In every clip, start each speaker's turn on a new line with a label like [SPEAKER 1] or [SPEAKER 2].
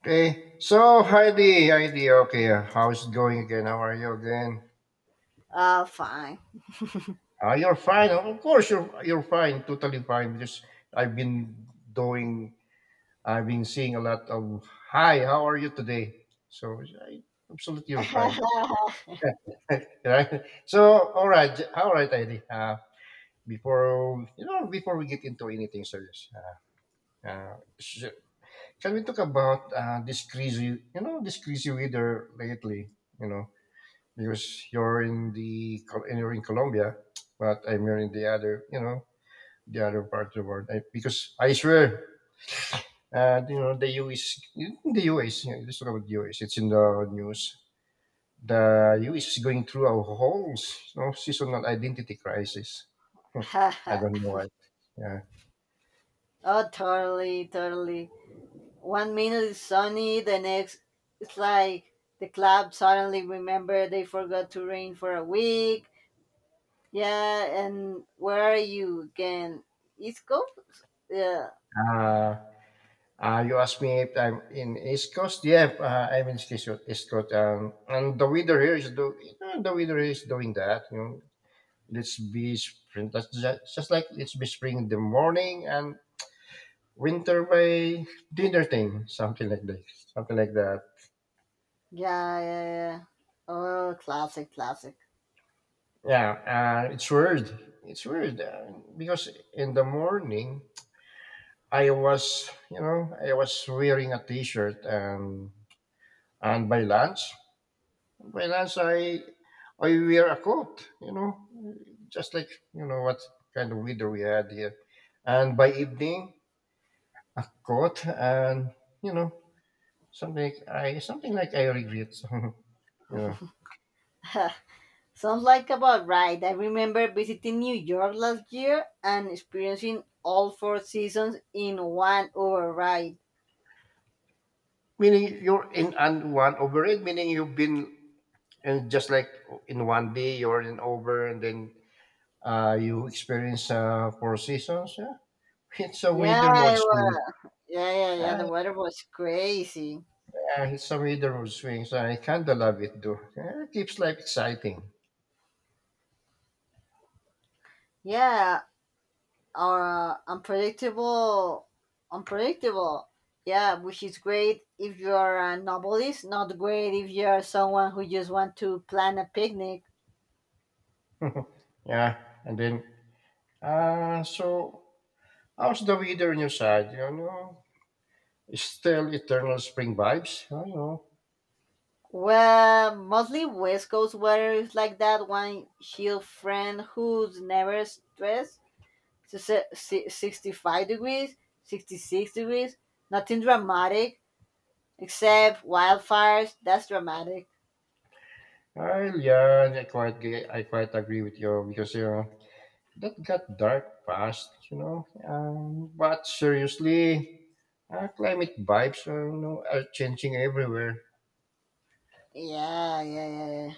[SPEAKER 1] Okay. So, Heidi, how's it going again? How are you again?
[SPEAKER 2] Oh, fine.
[SPEAKER 1] Ah, you're fine. Of course, you're fine. Totally fine. Because I've been doing, I've been seeing a lot of. Hi, how are you today? So, I, absolutely, you're fine.
[SPEAKER 2] Oh,
[SPEAKER 1] Right? So, all right, all right, Heidi. Before before we get into anything serious, uh, uh, sh- can we talk about this crazy, this crazy weather lately? You know. Because you're in the and you're in Colombia, but I'm here in the other, the other part of the world. I, because I swear, the US, in the US, you know, let's talk about the US. It's in the news. The US is going through a whole, seasonal identity crisis. Hmm, I don't know what. Yeah.
[SPEAKER 2] totally, totally. One minute is sunny, the next it's like the club suddenly remember they forgot to rain for a week. Yeah, and where are you again? East Coast? Yeah,
[SPEAKER 1] Uh, you asked me if I'm in East Coast. Yeah, I'm in East Coast. East Coast, and the weather here is do, the weather is doing that. You know, let's be spring. That's just like let's be spring in the morning and winter by dinner thing, something like that. Something like that.
[SPEAKER 2] yeah, yeah, yeah. Oh, classic, classic.
[SPEAKER 1] Yeah, it's weird. It's weird because in the morning I was, you know, I was wearing a t-shirt and by lunch, by lunch, I wear a coat, you know, just like you know what kind of weather we had here. And by evening, a coat and you know something like I something like I regret. Yeah.
[SPEAKER 2] Sounds like about right. I remember visiting New York last year and experiencing all four seasons in one override.
[SPEAKER 1] Meaning you're in and one override. Meaning you've been and just like in one day you're in over, and then you experience four seasons. Yeah, it's a
[SPEAKER 2] Yeah,
[SPEAKER 1] winter mode
[SPEAKER 2] it
[SPEAKER 1] swing.
[SPEAKER 2] was. Yeah, yeah, yeah.
[SPEAKER 1] Ah,
[SPEAKER 2] The weather was crazy.
[SPEAKER 1] yeah, it's a winter mode swing. So I kind of love it though. Yeah, it keeps life exciting.
[SPEAKER 2] Yeah, or unpredictable, unpredictable. Yeah, which is great if you are a novelist. Not great if you are someone who just want to plan a picnic.
[SPEAKER 1] Yeah, and then uh so how's the weather on your side? You know, it's still eternal spring vibes. I know.
[SPEAKER 2] Well, mostly West Coast weather is like that one shield friend who's never stressed. So 65 degrees, 66 degrees, nothing dramatic. Except wildfires. That's dramatic.
[SPEAKER 1] Well, yeah, I quite I quite agree with you because you know that got dark fast, you know. But seriously, climate vibes are you know are changing everywhere.
[SPEAKER 2] Yeah, yeah, yeah, yeah.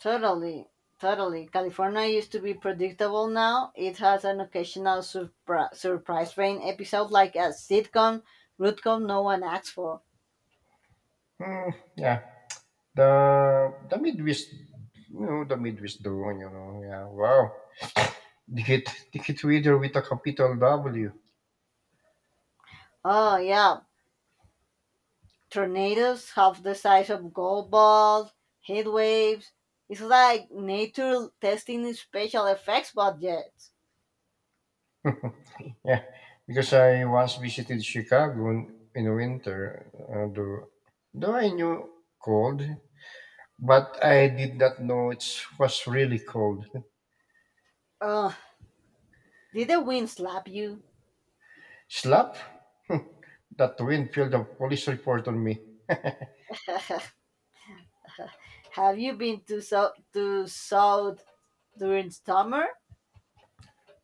[SPEAKER 2] Totally, totally. California used to be predictable. Now it has an occasional surprise rain episode, like a sitcom, rootcom no one asks for.
[SPEAKER 1] Hmm, yeah, the the Midwest, you know, the Midwest drone, you know. Yeah, wow. Ticket ticket reader with a capital W.
[SPEAKER 2] Oh yeah, tornadoes half the size of golf balls, heat waves. It's like nature testing special effects budgets.
[SPEAKER 1] Yeah, because I once visited Chicago in winter. Though I knew cold, but I did not know it was really cold.
[SPEAKER 2] Oh, did the wind slap you?
[SPEAKER 1] Slap, that wind filled a police report on me.
[SPEAKER 2] Have you been to South during summer?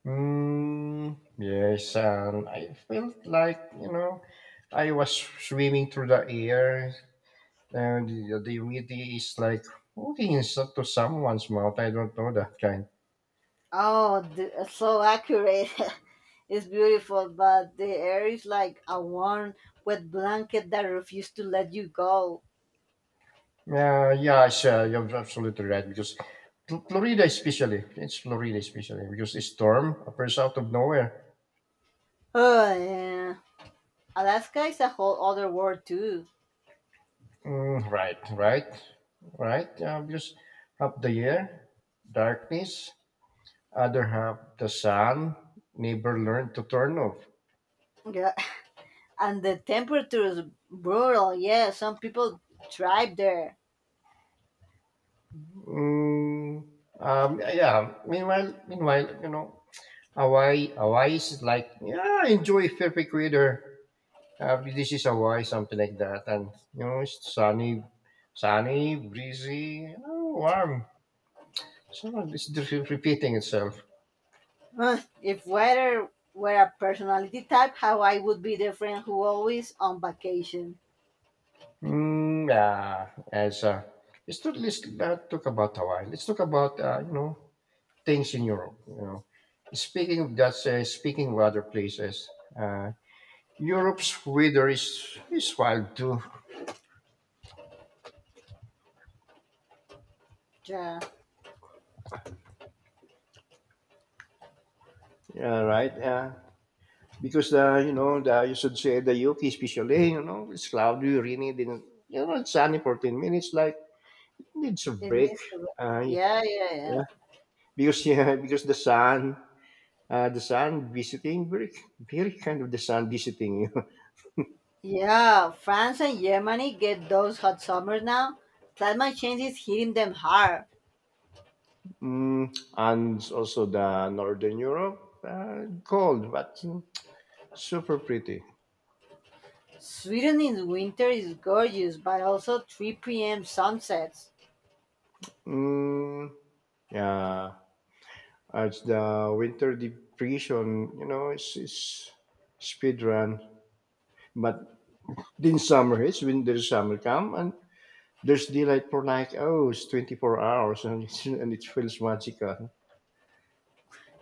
[SPEAKER 1] Mm, yes, and I felt like, you know, I was swimming through the air, and the humidity is like hooking inside to someone's mouth. I don't know that kind.
[SPEAKER 2] Oh, so accurate. It's beautiful, but the air is like a warm, wet blanket that refuses to let you go.
[SPEAKER 1] Yeah, yeah, sure, you're absolutely right, because Florida especially, it's Florida especially, because a storm appears out of nowhere.
[SPEAKER 2] Oh, yeah. Alaska is a whole other world too.
[SPEAKER 1] Mm, right, right, right. Just half the year, darkness. Other half, the sun. Neighbor learned to turn off.
[SPEAKER 2] Yeah. And the temperature is brutal. Yeah, some people thrive there.
[SPEAKER 1] Mm, yeah. Meanwhile, you know, Hawaii, Hawaii is like yeah, enjoy perfect weather. This is Hawaii, something like that, and you know, it's sunny, sunny, breezy, you know, warm. So it's just repeating itself.
[SPEAKER 2] Huh, if weather were a personality type, how I would be the friend who always on vacation.
[SPEAKER 1] Mm, yeah, as let's talk, let's talk about Hawaii. Let's talk about you know things in Europe. You know, speaking of that, speaking of other places, uh, Europe's weather is wild too.
[SPEAKER 2] Yeah.
[SPEAKER 1] Yeah, right. Yeah, because the you know the you should say the UK especially you know it's cloudy, rainy, then you know it's sunny for 10 minutes. Like it needs a
[SPEAKER 2] It
[SPEAKER 1] break.
[SPEAKER 2] needs to.
[SPEAKER 1] Uh,
[SPEAKER 2] Yeah, yeah, yeah.
[SPEAKER 1] yeah, because yeah, because the sun. The sun visiting, very kind of the sun visiting you.
[SPEAKER 2] Yeah, France and Germany get those hot summers now. Climate change is hitting them hard.
[SPEAKER 1] Mm, and also the Northern Europe, cold, but mm, super pretty.
[SPEAKER 2] Sweden in winter is gorgeous, but also 3 p.m. sunsets.
[SPEAKER 1] Mm, yeah, as the winter depression, you know, it's speed run. But in summer, it's when there's summer come and there's daylight for like, oh, it's 24 hours and, it's, and it feels magical.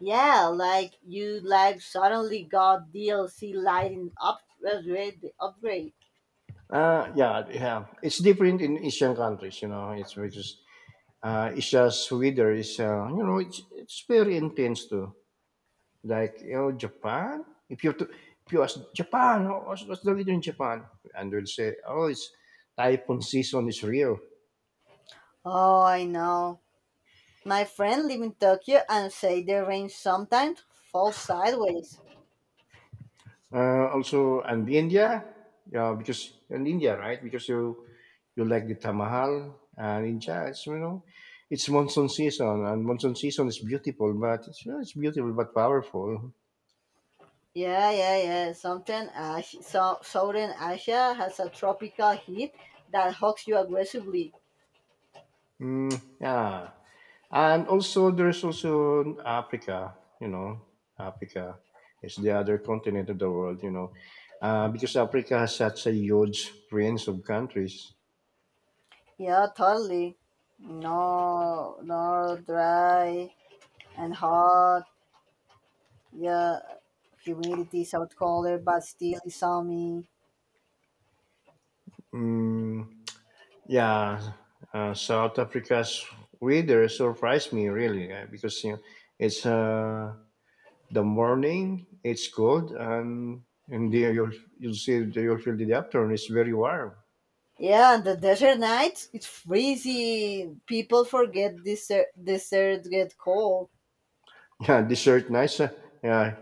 [SPEAKER 2] Yeah, like you like suddenly got DLC lighting upgrade.
[SPEAKER 1] Yeah, yeah. It's different in Asian countries, you know. It's because it's just weather is you know it's very intense too. Like you know Japan, if you to if you ask Japan, oh, what's the weather in Japan? And they'll say, oh, it's typhoon season is real.
[SPEAKER 2] Oh, I know. My friend live in Tokyo and say the rain sometimes falls sideways.
[SPEAKER 1] Also, and India, yeah, because in India, right? Because you like the Tamahal and in jazz, you know, it's monsoon season, and monsoon season is beautiful, but it's, you know, it's beautiful but powerful.
[SPEAKER 2] Yeah, yeah, yeah. Something, so, Southern Asia has a tropical heat that hugs you aggressively.
[SPEAKER 1] Mm, yeah. And also, there's also Africa, you know, Africa is the other continent of the world, you know, because Africa has such a huge range of countries.
[SPEAKER 2] Yeah, totally. No, no, dry and hot. Yeah, humidity is out colder, but still it's sunny.
[SPEAKER 1] Mm, yeah, South Africa's weather surprised me really because you know, it's the morning, it's cold, and and the, you'll, you'll see you'll feel the afternoon is very warm.
[SPEAKER 2] Yeah, and the desert nights, it's freezing. People forget desert get cold.
[SPEAKER 1] Yeah, dessert nice. Yeah,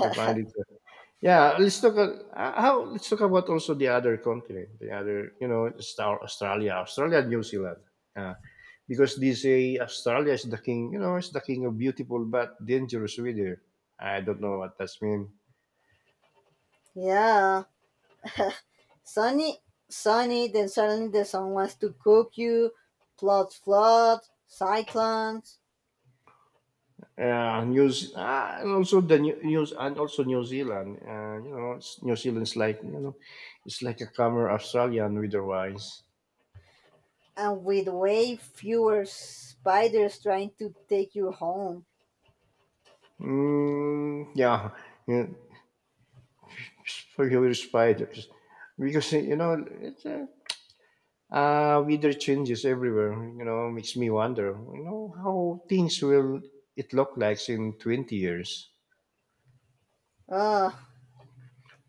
[SPEAKER 1] I find it. Yeah, let's talk. A- How Let's talk about also the other continent, the other you know, Star Australia, Australia, New Zealand, uh, because they say Australia is the king. You know, it's the king of beautiful but dangerous weather. I don't know what that's mean.
[SPEAKER 2] Yeah. Sunny, sunny, then suddenly the sun wants to cook you. Plots flood, cyclones,
[SPEAKER 1] News and also New Zealand. You know, it's, New Zealand's like you know, it's like a calmer Australian weather wise.
[SPEAKER 2] and with way fewer spiders trying to take you home.
[SPEAKER 1] Mm, yeah, yeah, for your spiders because you know weather changes everywhere, you know, makes me wonder, you know, how things will it look like in 20 years.
[SPEAKER 2] Uh,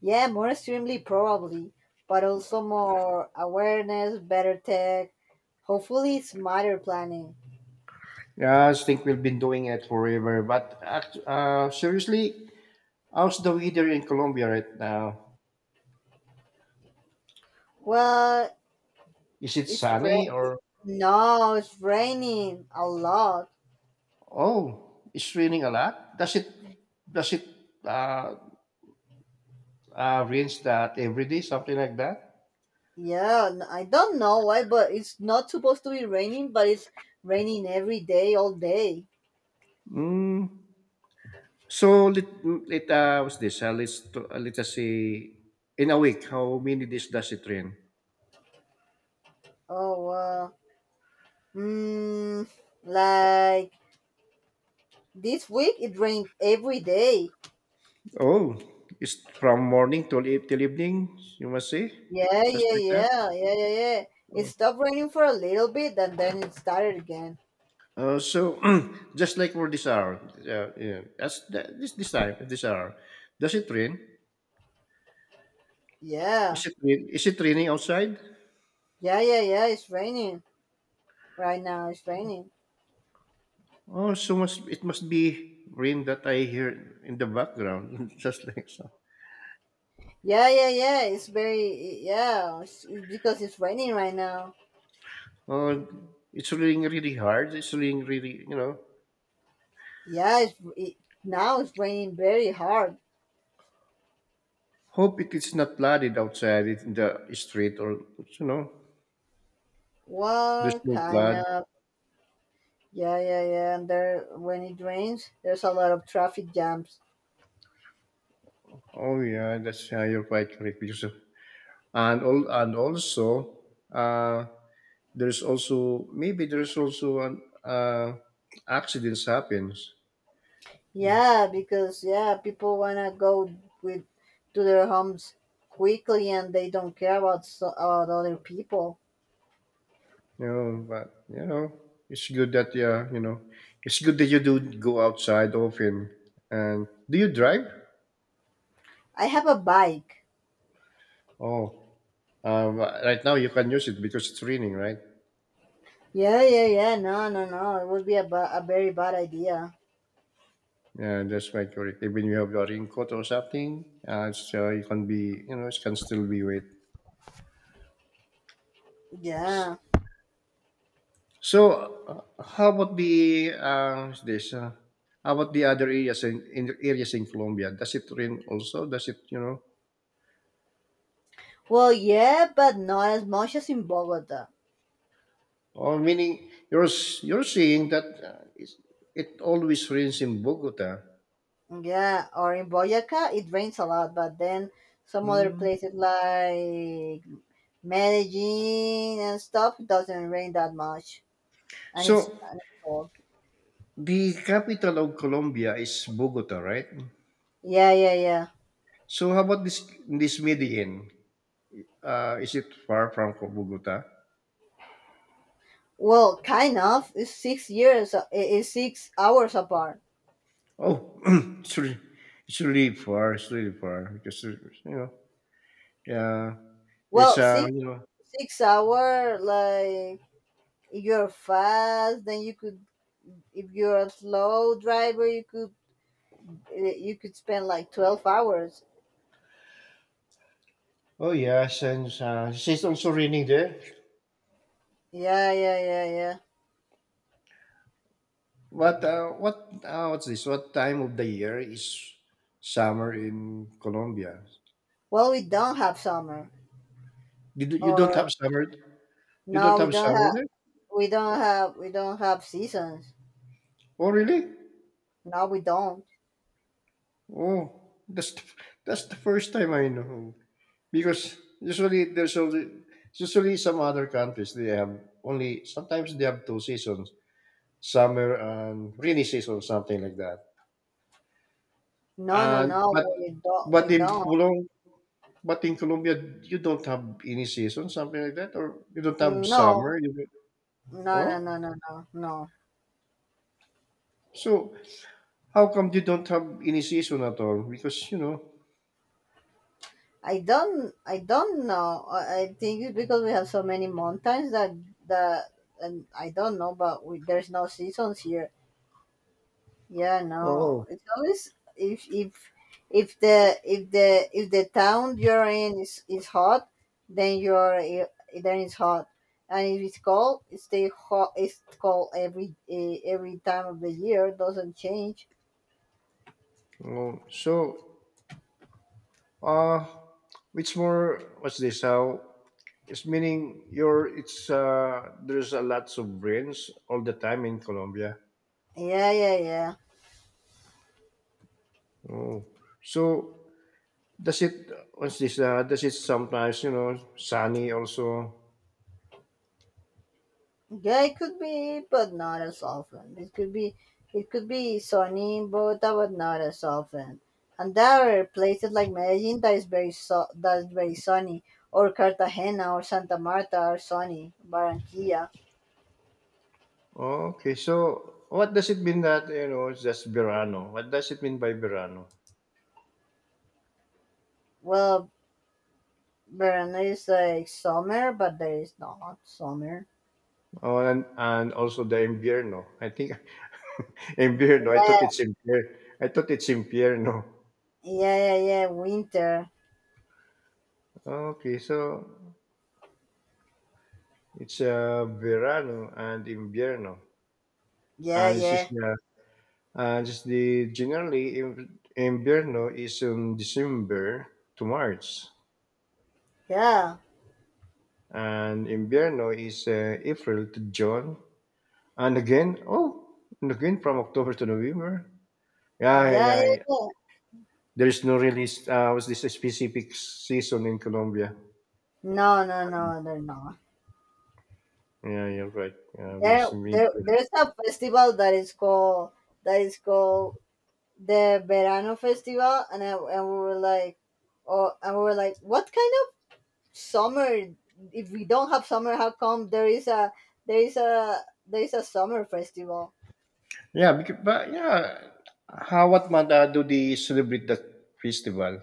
[SPEAKER 2] yeah, more extremely probably, but also more awareness, better tech, hopefully smarter planning.
[SPEAKER 1] Yeah, I think we've been doing it forever, but seriously, how's the weather in Colombia right now?
[SPEAKER 2] Well,
[SPEAKER 1] Is it
[SPEAKER 2] it's ra-
[SPEAKER 1] sunny or,
[SPEAKER 2] no, it's raining a lot.
[SPEAKER 1] oh, it's raining a lot? Does it, uh, rains that every day, something like that?
[SPEAKER 2] Yeah, I don't know why, but it's not supposed to be raining, but it's raining every day, all day.
[SPEAKER 1] Mm, so let what's this? Let's let us say in a week, how many days does it rain?
[SPEAKER 2] Oh, wow. mm, like this week it rained every day.
[SPEAKER 1] Oh, it's from morning till evening. You must say,
[SPEAKER 2] Yeah,
[SPEAKER 1] just
[SPEAKER 2] yeah,
[SPEAKER 1] like that.
[SPEAKER 2] yeah, yeah, yeah, yeah. It
[SPEAKER 1] Oh.
[SPEAKER 2] stopped raining for a little bit and then it started again.
[SPEAKER 1] So just like for this hour, yeah, as the, this time this hour, does it rain? Is
[SPEAKER 2] Yeah,
[SPEAKER 1] it rain? Is it raining outside?
[SPEAKER 2] yeah, yeah, yeah, it's raining right now, it's raining.
[SPEAKER 1] Oh, so must it must be rain that I hear in the background, just like so.
[SPEAKER 2] Yeah, yeah, yeah, it's very, yeah, it's because it's raining right now.
[SPEAKER 1] Oh, it's raining really hard. It's raining really, you know.
[SPEAKER 2] Yeah, now it's raining very hard.
[SPEAKER 1] Hope it is not flooded outside it in the street or you know, there's
[SPEAKER 2] Well,
[SPEAKER 1] no
[SPEAKER 2] kind
[SPEAKER 1] flood.
[SPEAKER 2] of. Yeah, yeah, yeah. And there, when it rains, there's a lot of traffic jams.
[SPEAKER 1] Oh yeah, that's how you're quite correct because of- and all and also uh there's also maybe there's also an accidents happens.
[SPEAKER 2] Yeah, because yeah, people wanna go with to their homes quickly, and they don't care about other people.
[SPEAKER 1] You know, but you know, it's good that yeah, you know, it's good that you do go outside often. And do you drive?
[SPEAKER 2] I have a bike.
[SPEAKER 1] Oh, uh, right now you can use it because it's raining, right?
[SPEAKER 2] Yeah, yeah, yeah. No, no, no. It would be a very bad idea.
[SPEAKER 1] Yeah, that's right. Correct. Even you have a wrinkle or something, it can be, you know, it can still be wet.
[SPEAKER 2] Yeah.
[SPEAKER 1] So, how about the other areas in areas in Colombia? Does it rain also? Does it, you know?
[SPEAKER 2] Well, yeah, but not as much as in Bogota.
[SPEAKER 1] Or meaning you're you're saying that it's- it always rains in Bogota.
[SPEAKER 2] Yeah, or in Boyaca, it rains a lot, but then some other
[SPEAKER 1] Hmm.
[SPEAKER 2] places like Medellin and stuff, it doesn't rain that much, and it's,
[SPEAKER 1] So
[SPEAKER 2] and it's cold.
[SPEAKER 1] the capital of Colombia is Bogota, right?
[SPEAKER 2] Yeah, yeah, yeah.
[SPEAKER 1] So how about this Medellin? Is it far from Bogota?
[SPEAKER 2] Well, kind of. It's 6 years. It's 6 hours apart.
[SPEAKER 1] Oh, it's really, it's really far. It's really far because you know, yeah, it's
[SPEAKER 2] Well, six
[SPEAKER 1] you know,
[SPEAKER 2] six hour. Like if you're fast, then you could. If you're a slow driver, you could spend like 12 hours.
[SPEAKER 1] oh yes, and it's also raining there.
[SPEAKER 2] Yeah, yeah, yeah, yeah.
[SPEAKER 1] What what's this? What time of the year is summer in Colombia?
[SPEAKER 2] Well, we don't have summer,
[SPEAKER 1] You, you don't have
[SPEAKER 2] or
[SPEAKER 1] summer. You don't
[SPEAKER 2] no, we
[SPEAKER 1] have
[SPEAKER 2] don't
[SPEAKER 1] summer
[SPEAKER 2] have,
[SPEAKER 1] there.
[SPEAKER 2] we don't have, we don't have seasons.
[SPEAKER 1] Oh really?
[SPEAKER 2] No, we don't.
[SPEAKER 1] Oh, that's the, that's the first time I know because usually there's only usually some other countries they have only sometimes they have two seasons summer and rainy season, something like that.
[SPEAKER 2] No, no,
[SPEAKER 1] And
[SPEAKER 2] no, we don't,
[SPEAKER 1] but
[SPEAKER 2] we
[SPEAKER 1] in
[SPEAKER 2] don't.
[SPEAKER 1] Pulong, but in Colombia, you don't have any season, something like that, or you don't have
[SPEAKER 2] No,
[SPEAKER 1] summer. You don't-
[SPEAKER 2] no,
[SPEAKER 1] oh,
[SPEAKER 2] no, no, no, no, no.
[SPEAKER 1] so how come you don't have any season at all? Because you know,
[SPEAKER 2] I don't know. I think it's because we have so many mountains that, and I don't know, but there's no seasons here. Yeah, no.
[SPEAKER 1] oh,
[SPEAKER 2] It's always if the town you're in is hot, then you're i- then it's hot, and if it's cold, it stay hot. It's cold every every time of the year. It doesn't change.
[SPEAKER 1] oh, so uh, it's more what's this? How it's meaning you're it's there's a lots of rains all the time in Colombia.
[SPEAKER 2] Yeah, yeah, yeah.
[SPEAKER 1] Oh, so does it, what's this, does it sometimes, you know, sunny also?
[SPEAKER 2] Yeah, it could be, but not as often. It could be sunny in Bogota, but not as often. And there are places like Medellin that's very sunny, or Cartagena or Santa Marta are sunny. Barranquilla,
[SPEAKER 1] Okay, so what does it mean that, you know, it's just verano? What does it mean by verano?
[SPEAKER 2] well, Verona is like summer, but there is not summer.
[SPEAKER 1] Oh, and also the invierno. I think invierno, I
[SPEAKER 2] Yeah,
[SPEAKER 1] thought it's invierno. I thought it's invierno.
[SPEAKER 2] yeah, yeah, yeah. Winter.
[SPEAKER 1] Okay, so it's verano and invierno.
[SPEAKER 2] Yeah,
[SPEAKER 1] And it's just,
[SPEAKER 2] yeah,
[SPEAKER 1] generally, invierno is in December to March.
[SPEAKER 2] yeah,
[SPEAKER 1] And invierno is April to June, and again, oh, and again from October to November. Yeah, yeah,
[SPEAKER 2] yeah, yeah.
[SPEAKER 1] yeah. Yeah.
[SPEAKER 2] Yeah.
[SPEAKER 1] There's no really was this a specific season in Colombia.
[SPEAKER 2] No, no, no, they're not.
[SPEAKER 1] Yeah, you're right. Yeah, because
[SPEAKER 2] There,
[SPEAKER 1] maybe.
[SPEAKER 2] there, there's a festival that is called the Verano Festival, and and we were like, oh, and we were like, what kind of summer? If we don't have summer, how come there is a there is a there is a summer festival?
[SPEAKER 1] Yeah, because, but yeah, how what month do they celebrate that festival?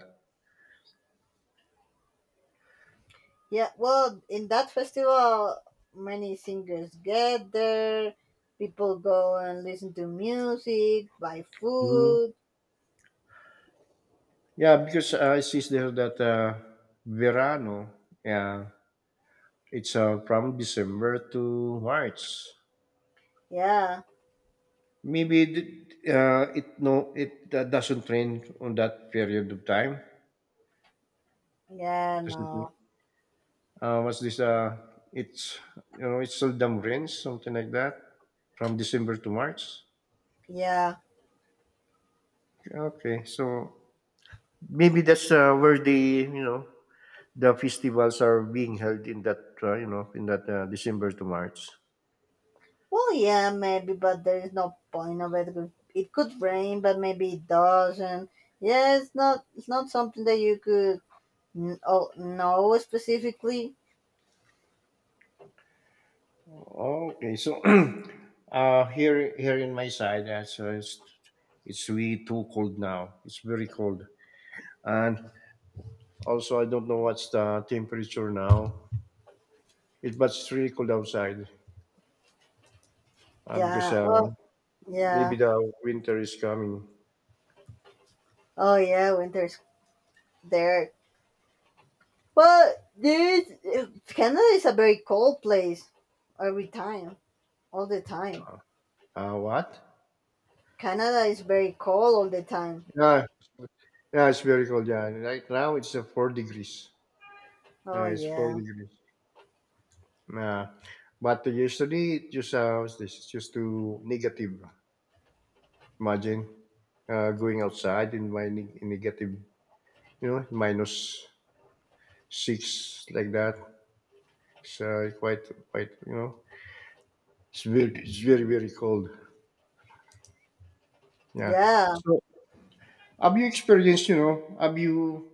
[SPEAKER 2] Yeah, well, in that festival, many singers get there. People go and listen to music, buy
[SPEAKER 1] Mm.
[SPEAKER 2] food.
[SPEAKER 1] Yeah, because I see there that Verano. Yeah, it's from December to March.
[SPEAKER 2] Yeah,
[SPEAKER 1] Maybe it doesn't rain on that period of time.
[SPEAKER 2] yeah,
[SPEAKER 1] Does it,
[SPEAKER 2] no,
[SPEAKER 1] what's this? It's you know it's seldom rains something like that from December to March.
[SPEAKER 2] yeah.
[SPEAKER 1] Okay, so maybe that's where the you know the festivals are being held in that, in that December to March.
[SPEAKER 2] Well, yeah, maybe, but there is no point of it. It could rain, but maybe it doesn't. Yeah, it's not. It's not something that you could know specifically.
[SPEAKER 1] Okay, so here in my side, so it's really too cold now. It's very cold, and also, I don't know what's the temperature now. It's really cold outside uh, because
[SPEAKER 2] Yeah.
[SPEAKER 1] uh,
[SPEAKER 2] Well.
[SPEAKER 1] maybe
[SPEAKER 2] Yeah.
[SPEAKER 1] the winter is coming.
[SPEAKER 2] Oh yeah. Winter's there. But this Canada is a very cold place. Every time, all the time.
[SPEAKER 1] What?
[SPEAKER 2] Canada is very cold all the time.
[SPEAKER 1] Yeah, yeah, it's very cold. Yeah, right now it's 4 degrees.
[SPEAKER 2] Oh
[SPEAKER 1] It's four
[SPEAKER 2] yeah.
[SPEAKER 1] degrees. Uh, but yesterday it just what's this? It's just too negative. Imagine going outside in my negative, you know, -6 like that. It's quite. It's very, very cold. Yeah.
[SPEAKER 2] Yeah.
[SPEAKER 1] So, have you experienced, you know, have you,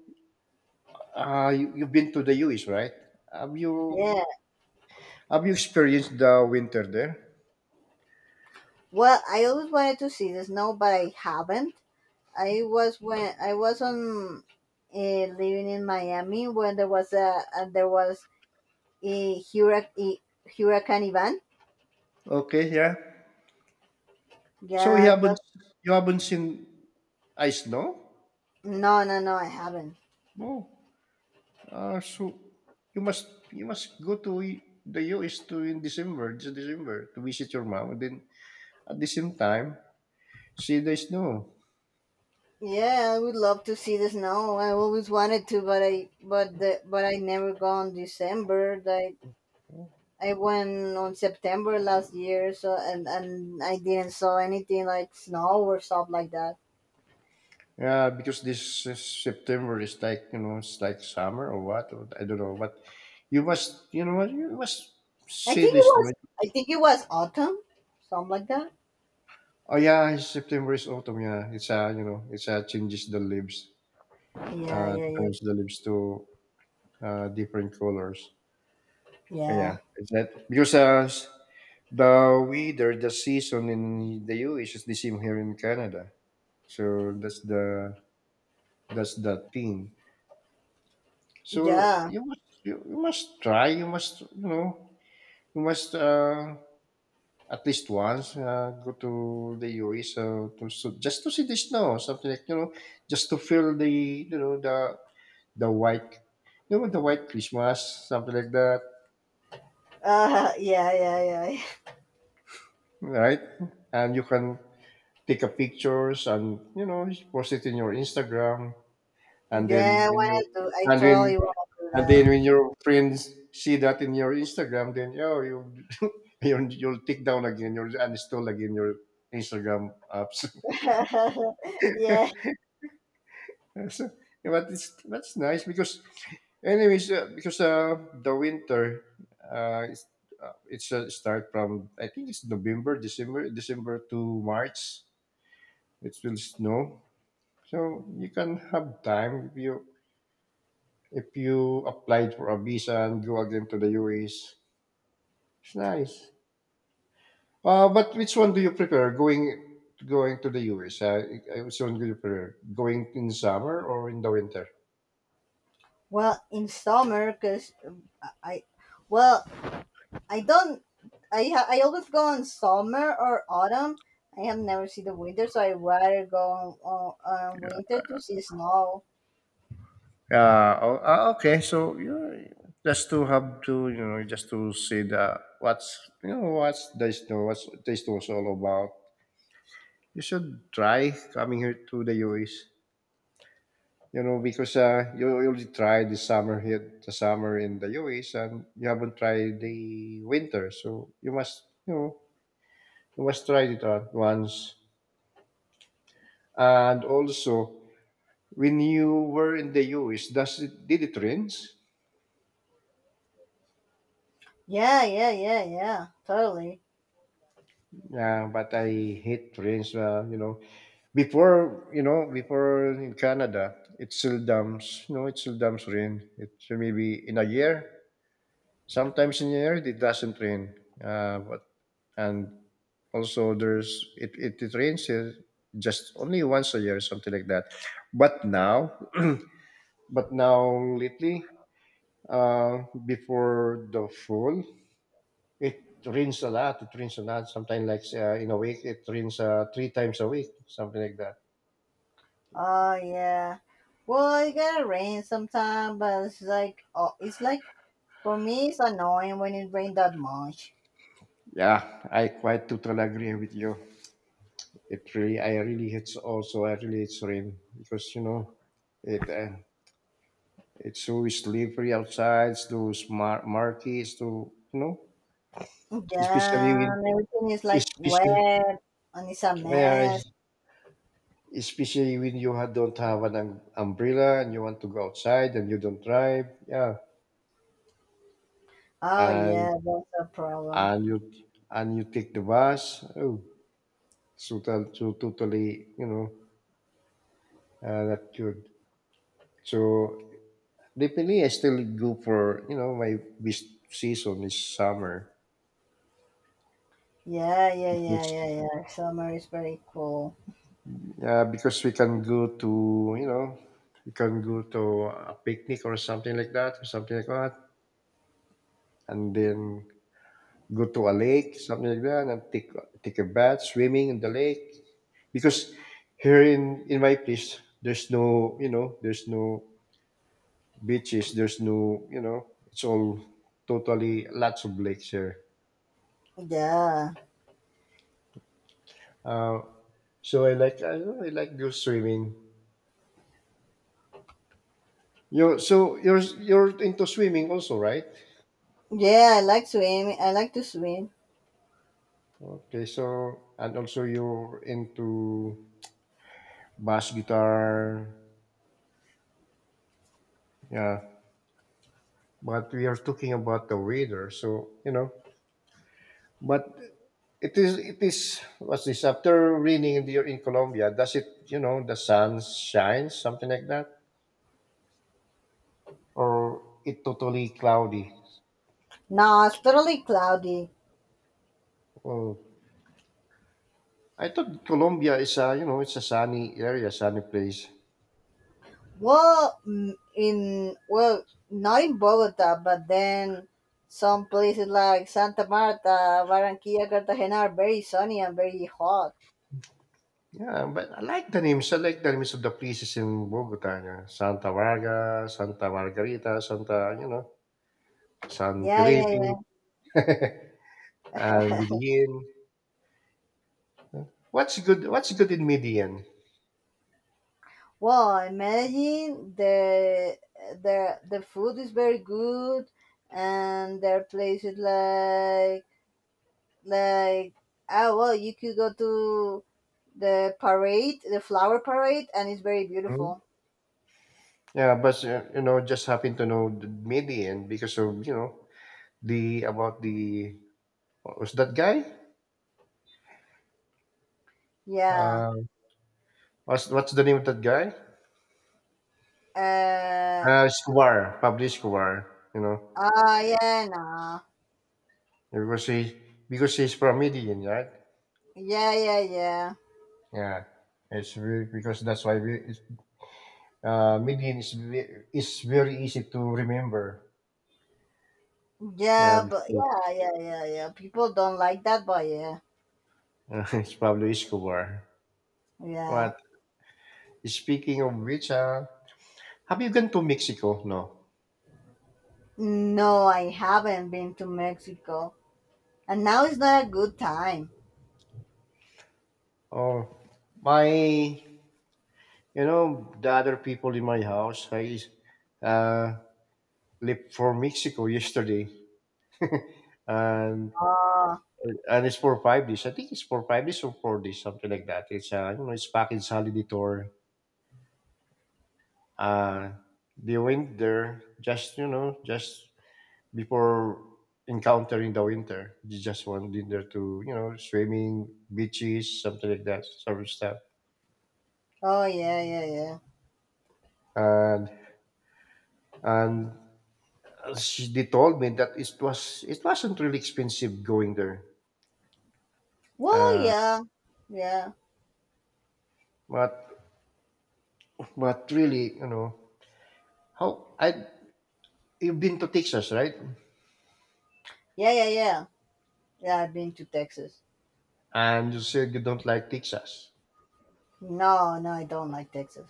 [SPEAKER 1] uh, you've been to the US, right? Have you
[SPEAKER 2] Yeah.
[SPEAKER 1] have you experienced the winter there?
[SPEAKER 2] Well, I always wanted to see the snow, but I haven't. I was When I was on living in Miami when there was a hurricane Ivan.
[SPEAKER 1] Okay, yeah. So you
[SPEAKER 2] Yeah,
[SPEAKER 1] haven't,
[SPEAKER 2] that.
[SPEAKER 1] you haven't seen ice, no?
[SPEAKER 2] No, no, no, I haven't.
[SPEAKER 1] Oh, so you must you must go to the US to in December, this December, to visit your mom, and then at the same time see the snow.
[SPEAKER 2] Yeah, I would love to see the snow. I always wanted to, but I but the but I never go on December. Like I went on September last year, so and I didn't saw anything like snow or stuff like that.
[SPEAKER 1] Yeah, because this is September is like you know it's like summer or what or I don't know, but you must you know what you must
[SPEAKER 2] I
[SPEAKER 1] see
[SPEAKER 2] think it
[SPEAKER 1] this. No?
[SPEAKER 2] was I think it was autumn, something like that.
[SPEAKER 1] Oh yeah, September is autumn. Yeah, it's changes the leaves,
[SPEAKER 2] Yeah, yeah, yeah,
[SPEAKER 1] turns the leaves to different colors.
[SPEAKER 2] yeah.
[SPEAKER 1] Yeah, it's that because the weather, the season in the US is the same here in Canada. So that's the thing. So
[SPEAKER 2] Yeah.
[SPEAKER 1] you must try. You must you know you must at least once go to the U.S. To so just to see the snow, something like you know, just to feel you know the the white you know the white Christmas, something like that,
[SPEAKER 2] Yeah, yeah, yeah. Yeah,
[SPEAKER 1] right? And you can take a pictures and you know post it in your Instagram, and then
[SPEAKER 2] yeah, I
[SPEAKER 1] when
[SPEAKER 2] wanna
[SPEAKER 1] you
[SPEAKER 2] do. I
[SPEAKER 1] and then
[SPEAKER 2] totally
[SPEAKER 1] and
[SPEAKER 2] wanna
[SPEAKER 1] then when
[SPEAKER 2] do
[SPEAKER 1] your friends see that in your Instagram, then oh, you you'll take down again, you'll uninstall again your Instagram apps.
[SPEAKER 2] that. Yeah.
[SPEAKER 1] So, yeah, but it's that's nice because, anyways, because the winter, uh, it's, it's start from I think it's November, December, December to March. It will snow, so you can have time if you applied for a visa and go again to the US. It's nice. But which one do you prefer? Going to the US? Which one do you prefer? Going in summer or in the winter?
[SPEAKER 2] Well, in summer, cause I, well, I don't. I always go on summer or autumn. I have never seen the winter, so I rather go on winter to see snow.
[SPEAKER 1] Yeah. Oh, ah, okay. So you know, just to have to you know just to see the what's you know what's the snow what's the was all about. You should try coming here to the US. You know because you already tried the summer in the US and you haven't tried the winter. So you must you know you must try it out once. And also, when you were in the US, does it did it rains?
[SPEAKER 2] Yeah, yeah, yeah, yeah. Totally.
[SPEAKER 1] Yeah, but I hate rains. You know, before in Canada, it seldom, you know, it seldom rain. It maybe in a year. Sometimes in a year it doesn't rain. But and also it rains here just only once a year, something like that. But now, but now lately, before the fall. It rains a lot. It rains a lot. Sometimes, like in a week, it rains three times a week, something like that.
[SPEAKER 2] Oh yeah. Well, it gotta rain sometime, but it's like for me, it's annoying when it rains that much.
[SPEAKER 1] Yeah, I quite totally agree with you. I really hate also. I really hate rain because you know, it uh, it's so slippery outside. It's those murky. It's too you know, especially
[SPEAKER 2] Damn,
[SPEAKER 1] with
[SPEAKER 2] everything is like
[SPEAKER 1] especially
[SPEAKER 2] wet and it's a
[SPEAKER 1] yeah,
[SPEAKER 2] mess.
[SPEAKER 1] especially when you don't have an umbrella and you want to go outside and you don't drive. Yeah,
[SPEAKER 2] Oh
[SPEAKER 1] and
[SPEAKER 2] yeah, that's a problem.
[SPEAKER 1] and you and you take the bus. Oh, so, so totally, you know, not good. So definitely, I still go for you know my best season is summer
[SPEAKER 2] Yeah, yeah, yeah,
[SPEAKER 1] because
[SPEAKER 2] yeah, yeah. Summer is very cool.
[SPEAKER 1] yeah because we can go to a picnic or something like that or something like that and then go to a lake something like that and take a bath swimming in the lake because here in my place there's no beaches. There's no, you know, it's all totally lots of lakes here.
[SPEAKER 2] Yeah,
[SPEAKER 1] Uh, so I like go swimming. You're into swimming also, right?
[SPEAKER 2] yeah. I like swimming. I like to swim.
[SPEAKER 1] Okay, so and also you're into bass guitar, yeah. But we are talking about the weather, so you know. But it is what's this after raining in the in Colombia? Does it you know the sun shines something like that? Or it totally cloudy.
[SPEAKER 2] No, it's totally cloudy.
[SPEAKER 1] Oh, I thought Colombia is a you know it's a sunny area, sunny place.
[SPEAKER 2] Well, not in Bogota, but then some places like Santa Marta, Barranquilla, Cartagena are very sunny and very hot.
[SPEAKER 1] Yeah, but I like the names. I like the names of the places in Bogota. Yeah. Santa Varga, Santa Margarita, Santa you know San
[SPEAKER 2] Yeah,
[SPEAKER 1] Felipe,
[SPEAKER 2] yeah, yeah.
[SPEAKER 1] and Medellin. What's good? What's good in Medellin?
[SPEAKER 2] Well, imagine the food is very good, and there are places like well, you could go to the parade, the flower parade, and it's very
[SPEAKER 1] Hmm?
[SPEAKER 2] beautiful.
[SPEAKER 1] Yeah, but you know, just happen to know the Median because of you know the about the what was that guy?
[SPEAKER 2] Yeah.
[SPEAKER 1] Uh, what's the name of that guy?
[SPEAKER 2] Uh.
[SPEAKER 1] Escobar, Pablo Escobar, you know,
[SPEAKER 2] Ah. Yeah. Nah.
[SPEAKER 1] because he because he's from Medellin, right?
[SPEAKER 2] Yeah. Yeah. Yeah.
[SPEAKER 1] Yeah, it's very, because that's why we, it's, Medellin is is very easy to remember.
[SPEAKER 2] Yeah.
[SPEAKER 1] Yeah,
[SPEAKER 2] But
[SPEAKER 1] so,
[SPEAKER 2] yeah. Yeah. Yeah. Yeah. People don't like that, but yeah.
[SPEAKER 1] it's Pablo Escobar.
[SPEAKER 2] Yeah.
[SPEAKER 1] But speaking of which, have you gone to Mexico? No.
[SPEAKER 2] No, I haven't been to Mexico, and now is not a good time.
[SPEAKER 1] Oh, my, the other people in my house, I uh, left for Mexico yesterday, and
[SPEAKER 2] Oh,
[SPEAKER 1] It's for 5 days. I think it's for 5 days or 4 days, something like that. It's it's package holiday tour. Uh, they went there just you know just before encountering the winter. They just went in there to you know swimming, beaches, something like that, sort of stuff.
[SPEAKER 2] oh yeah, yeah, yeah.
[SPEAKER 1] And and they told me that it wasn't really expensive going there.
[SPEAKER 2] Well,
[SPEAKER 1] Uh,
[SPEAKER 2] yeah, yeah,
[SPEAKER 1] but but really, you know, how I you've been to Texas, right?
[SPEAKER 2] yeah, yeah, yeah. Yeah, I've been to Texas.
[SPEAKER 1] And you said you don't like Texas.
[SPEAKER 2] No, no, I don't like Texas.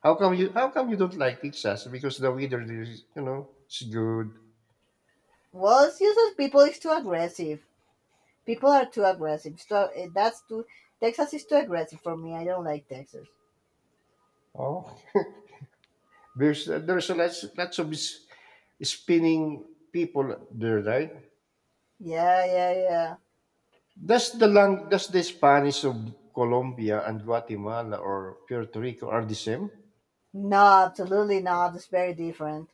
[SPEAKER 1] How come you don't like Texas? Because the weather is you know it's good.
[SPEAKER 2] Well, it's just that people is too aggressive. People are too aggressive. So that's too. Texas is too aggressive for me. I don't like Texas.
[SPEAKER 1] Oh, there's a lots of spinning people there, right?
[SPEAKER 2] Yeah, yeah, yeah.
[SPEAKER 1] Does the lang does the Spanish of Colombia and Guatemala or Puerto Rico are the same?
[SPEAKER 2] No, absolutely not. It's very different.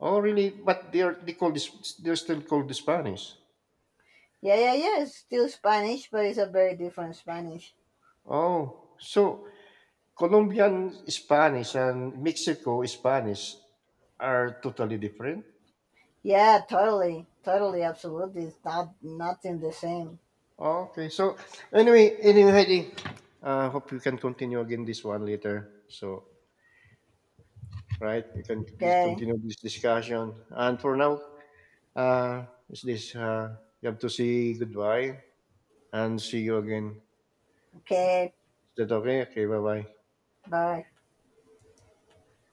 [SPEAKER 1] Oh, really? But they are they're still called the Spanish.
[SPEAKER 2] Yeah, yeah, yeah. It's still Spanish, but it's a very different Spanish.
[SPEAKER 1] Oh, so Colombian Spanish and Mexico Spanish are totally different.
[SPEAKER 2] Yeah, totally, totally, absolutely. It's not nothing the same.
[SPEAKER 1] Okay. So anyway, Heidi, hope you can continue again this one later. So right, you can
[SPEAKER 2] Okay,
[SPEAKER 1] continue this discussion. And for now, is this you have to say goodbye and see you again.
[SPEAKER 2] okay.
[SPEAKER 1] Is that okay? Okay. Bye bye.
[SPEAKER 2] Bye.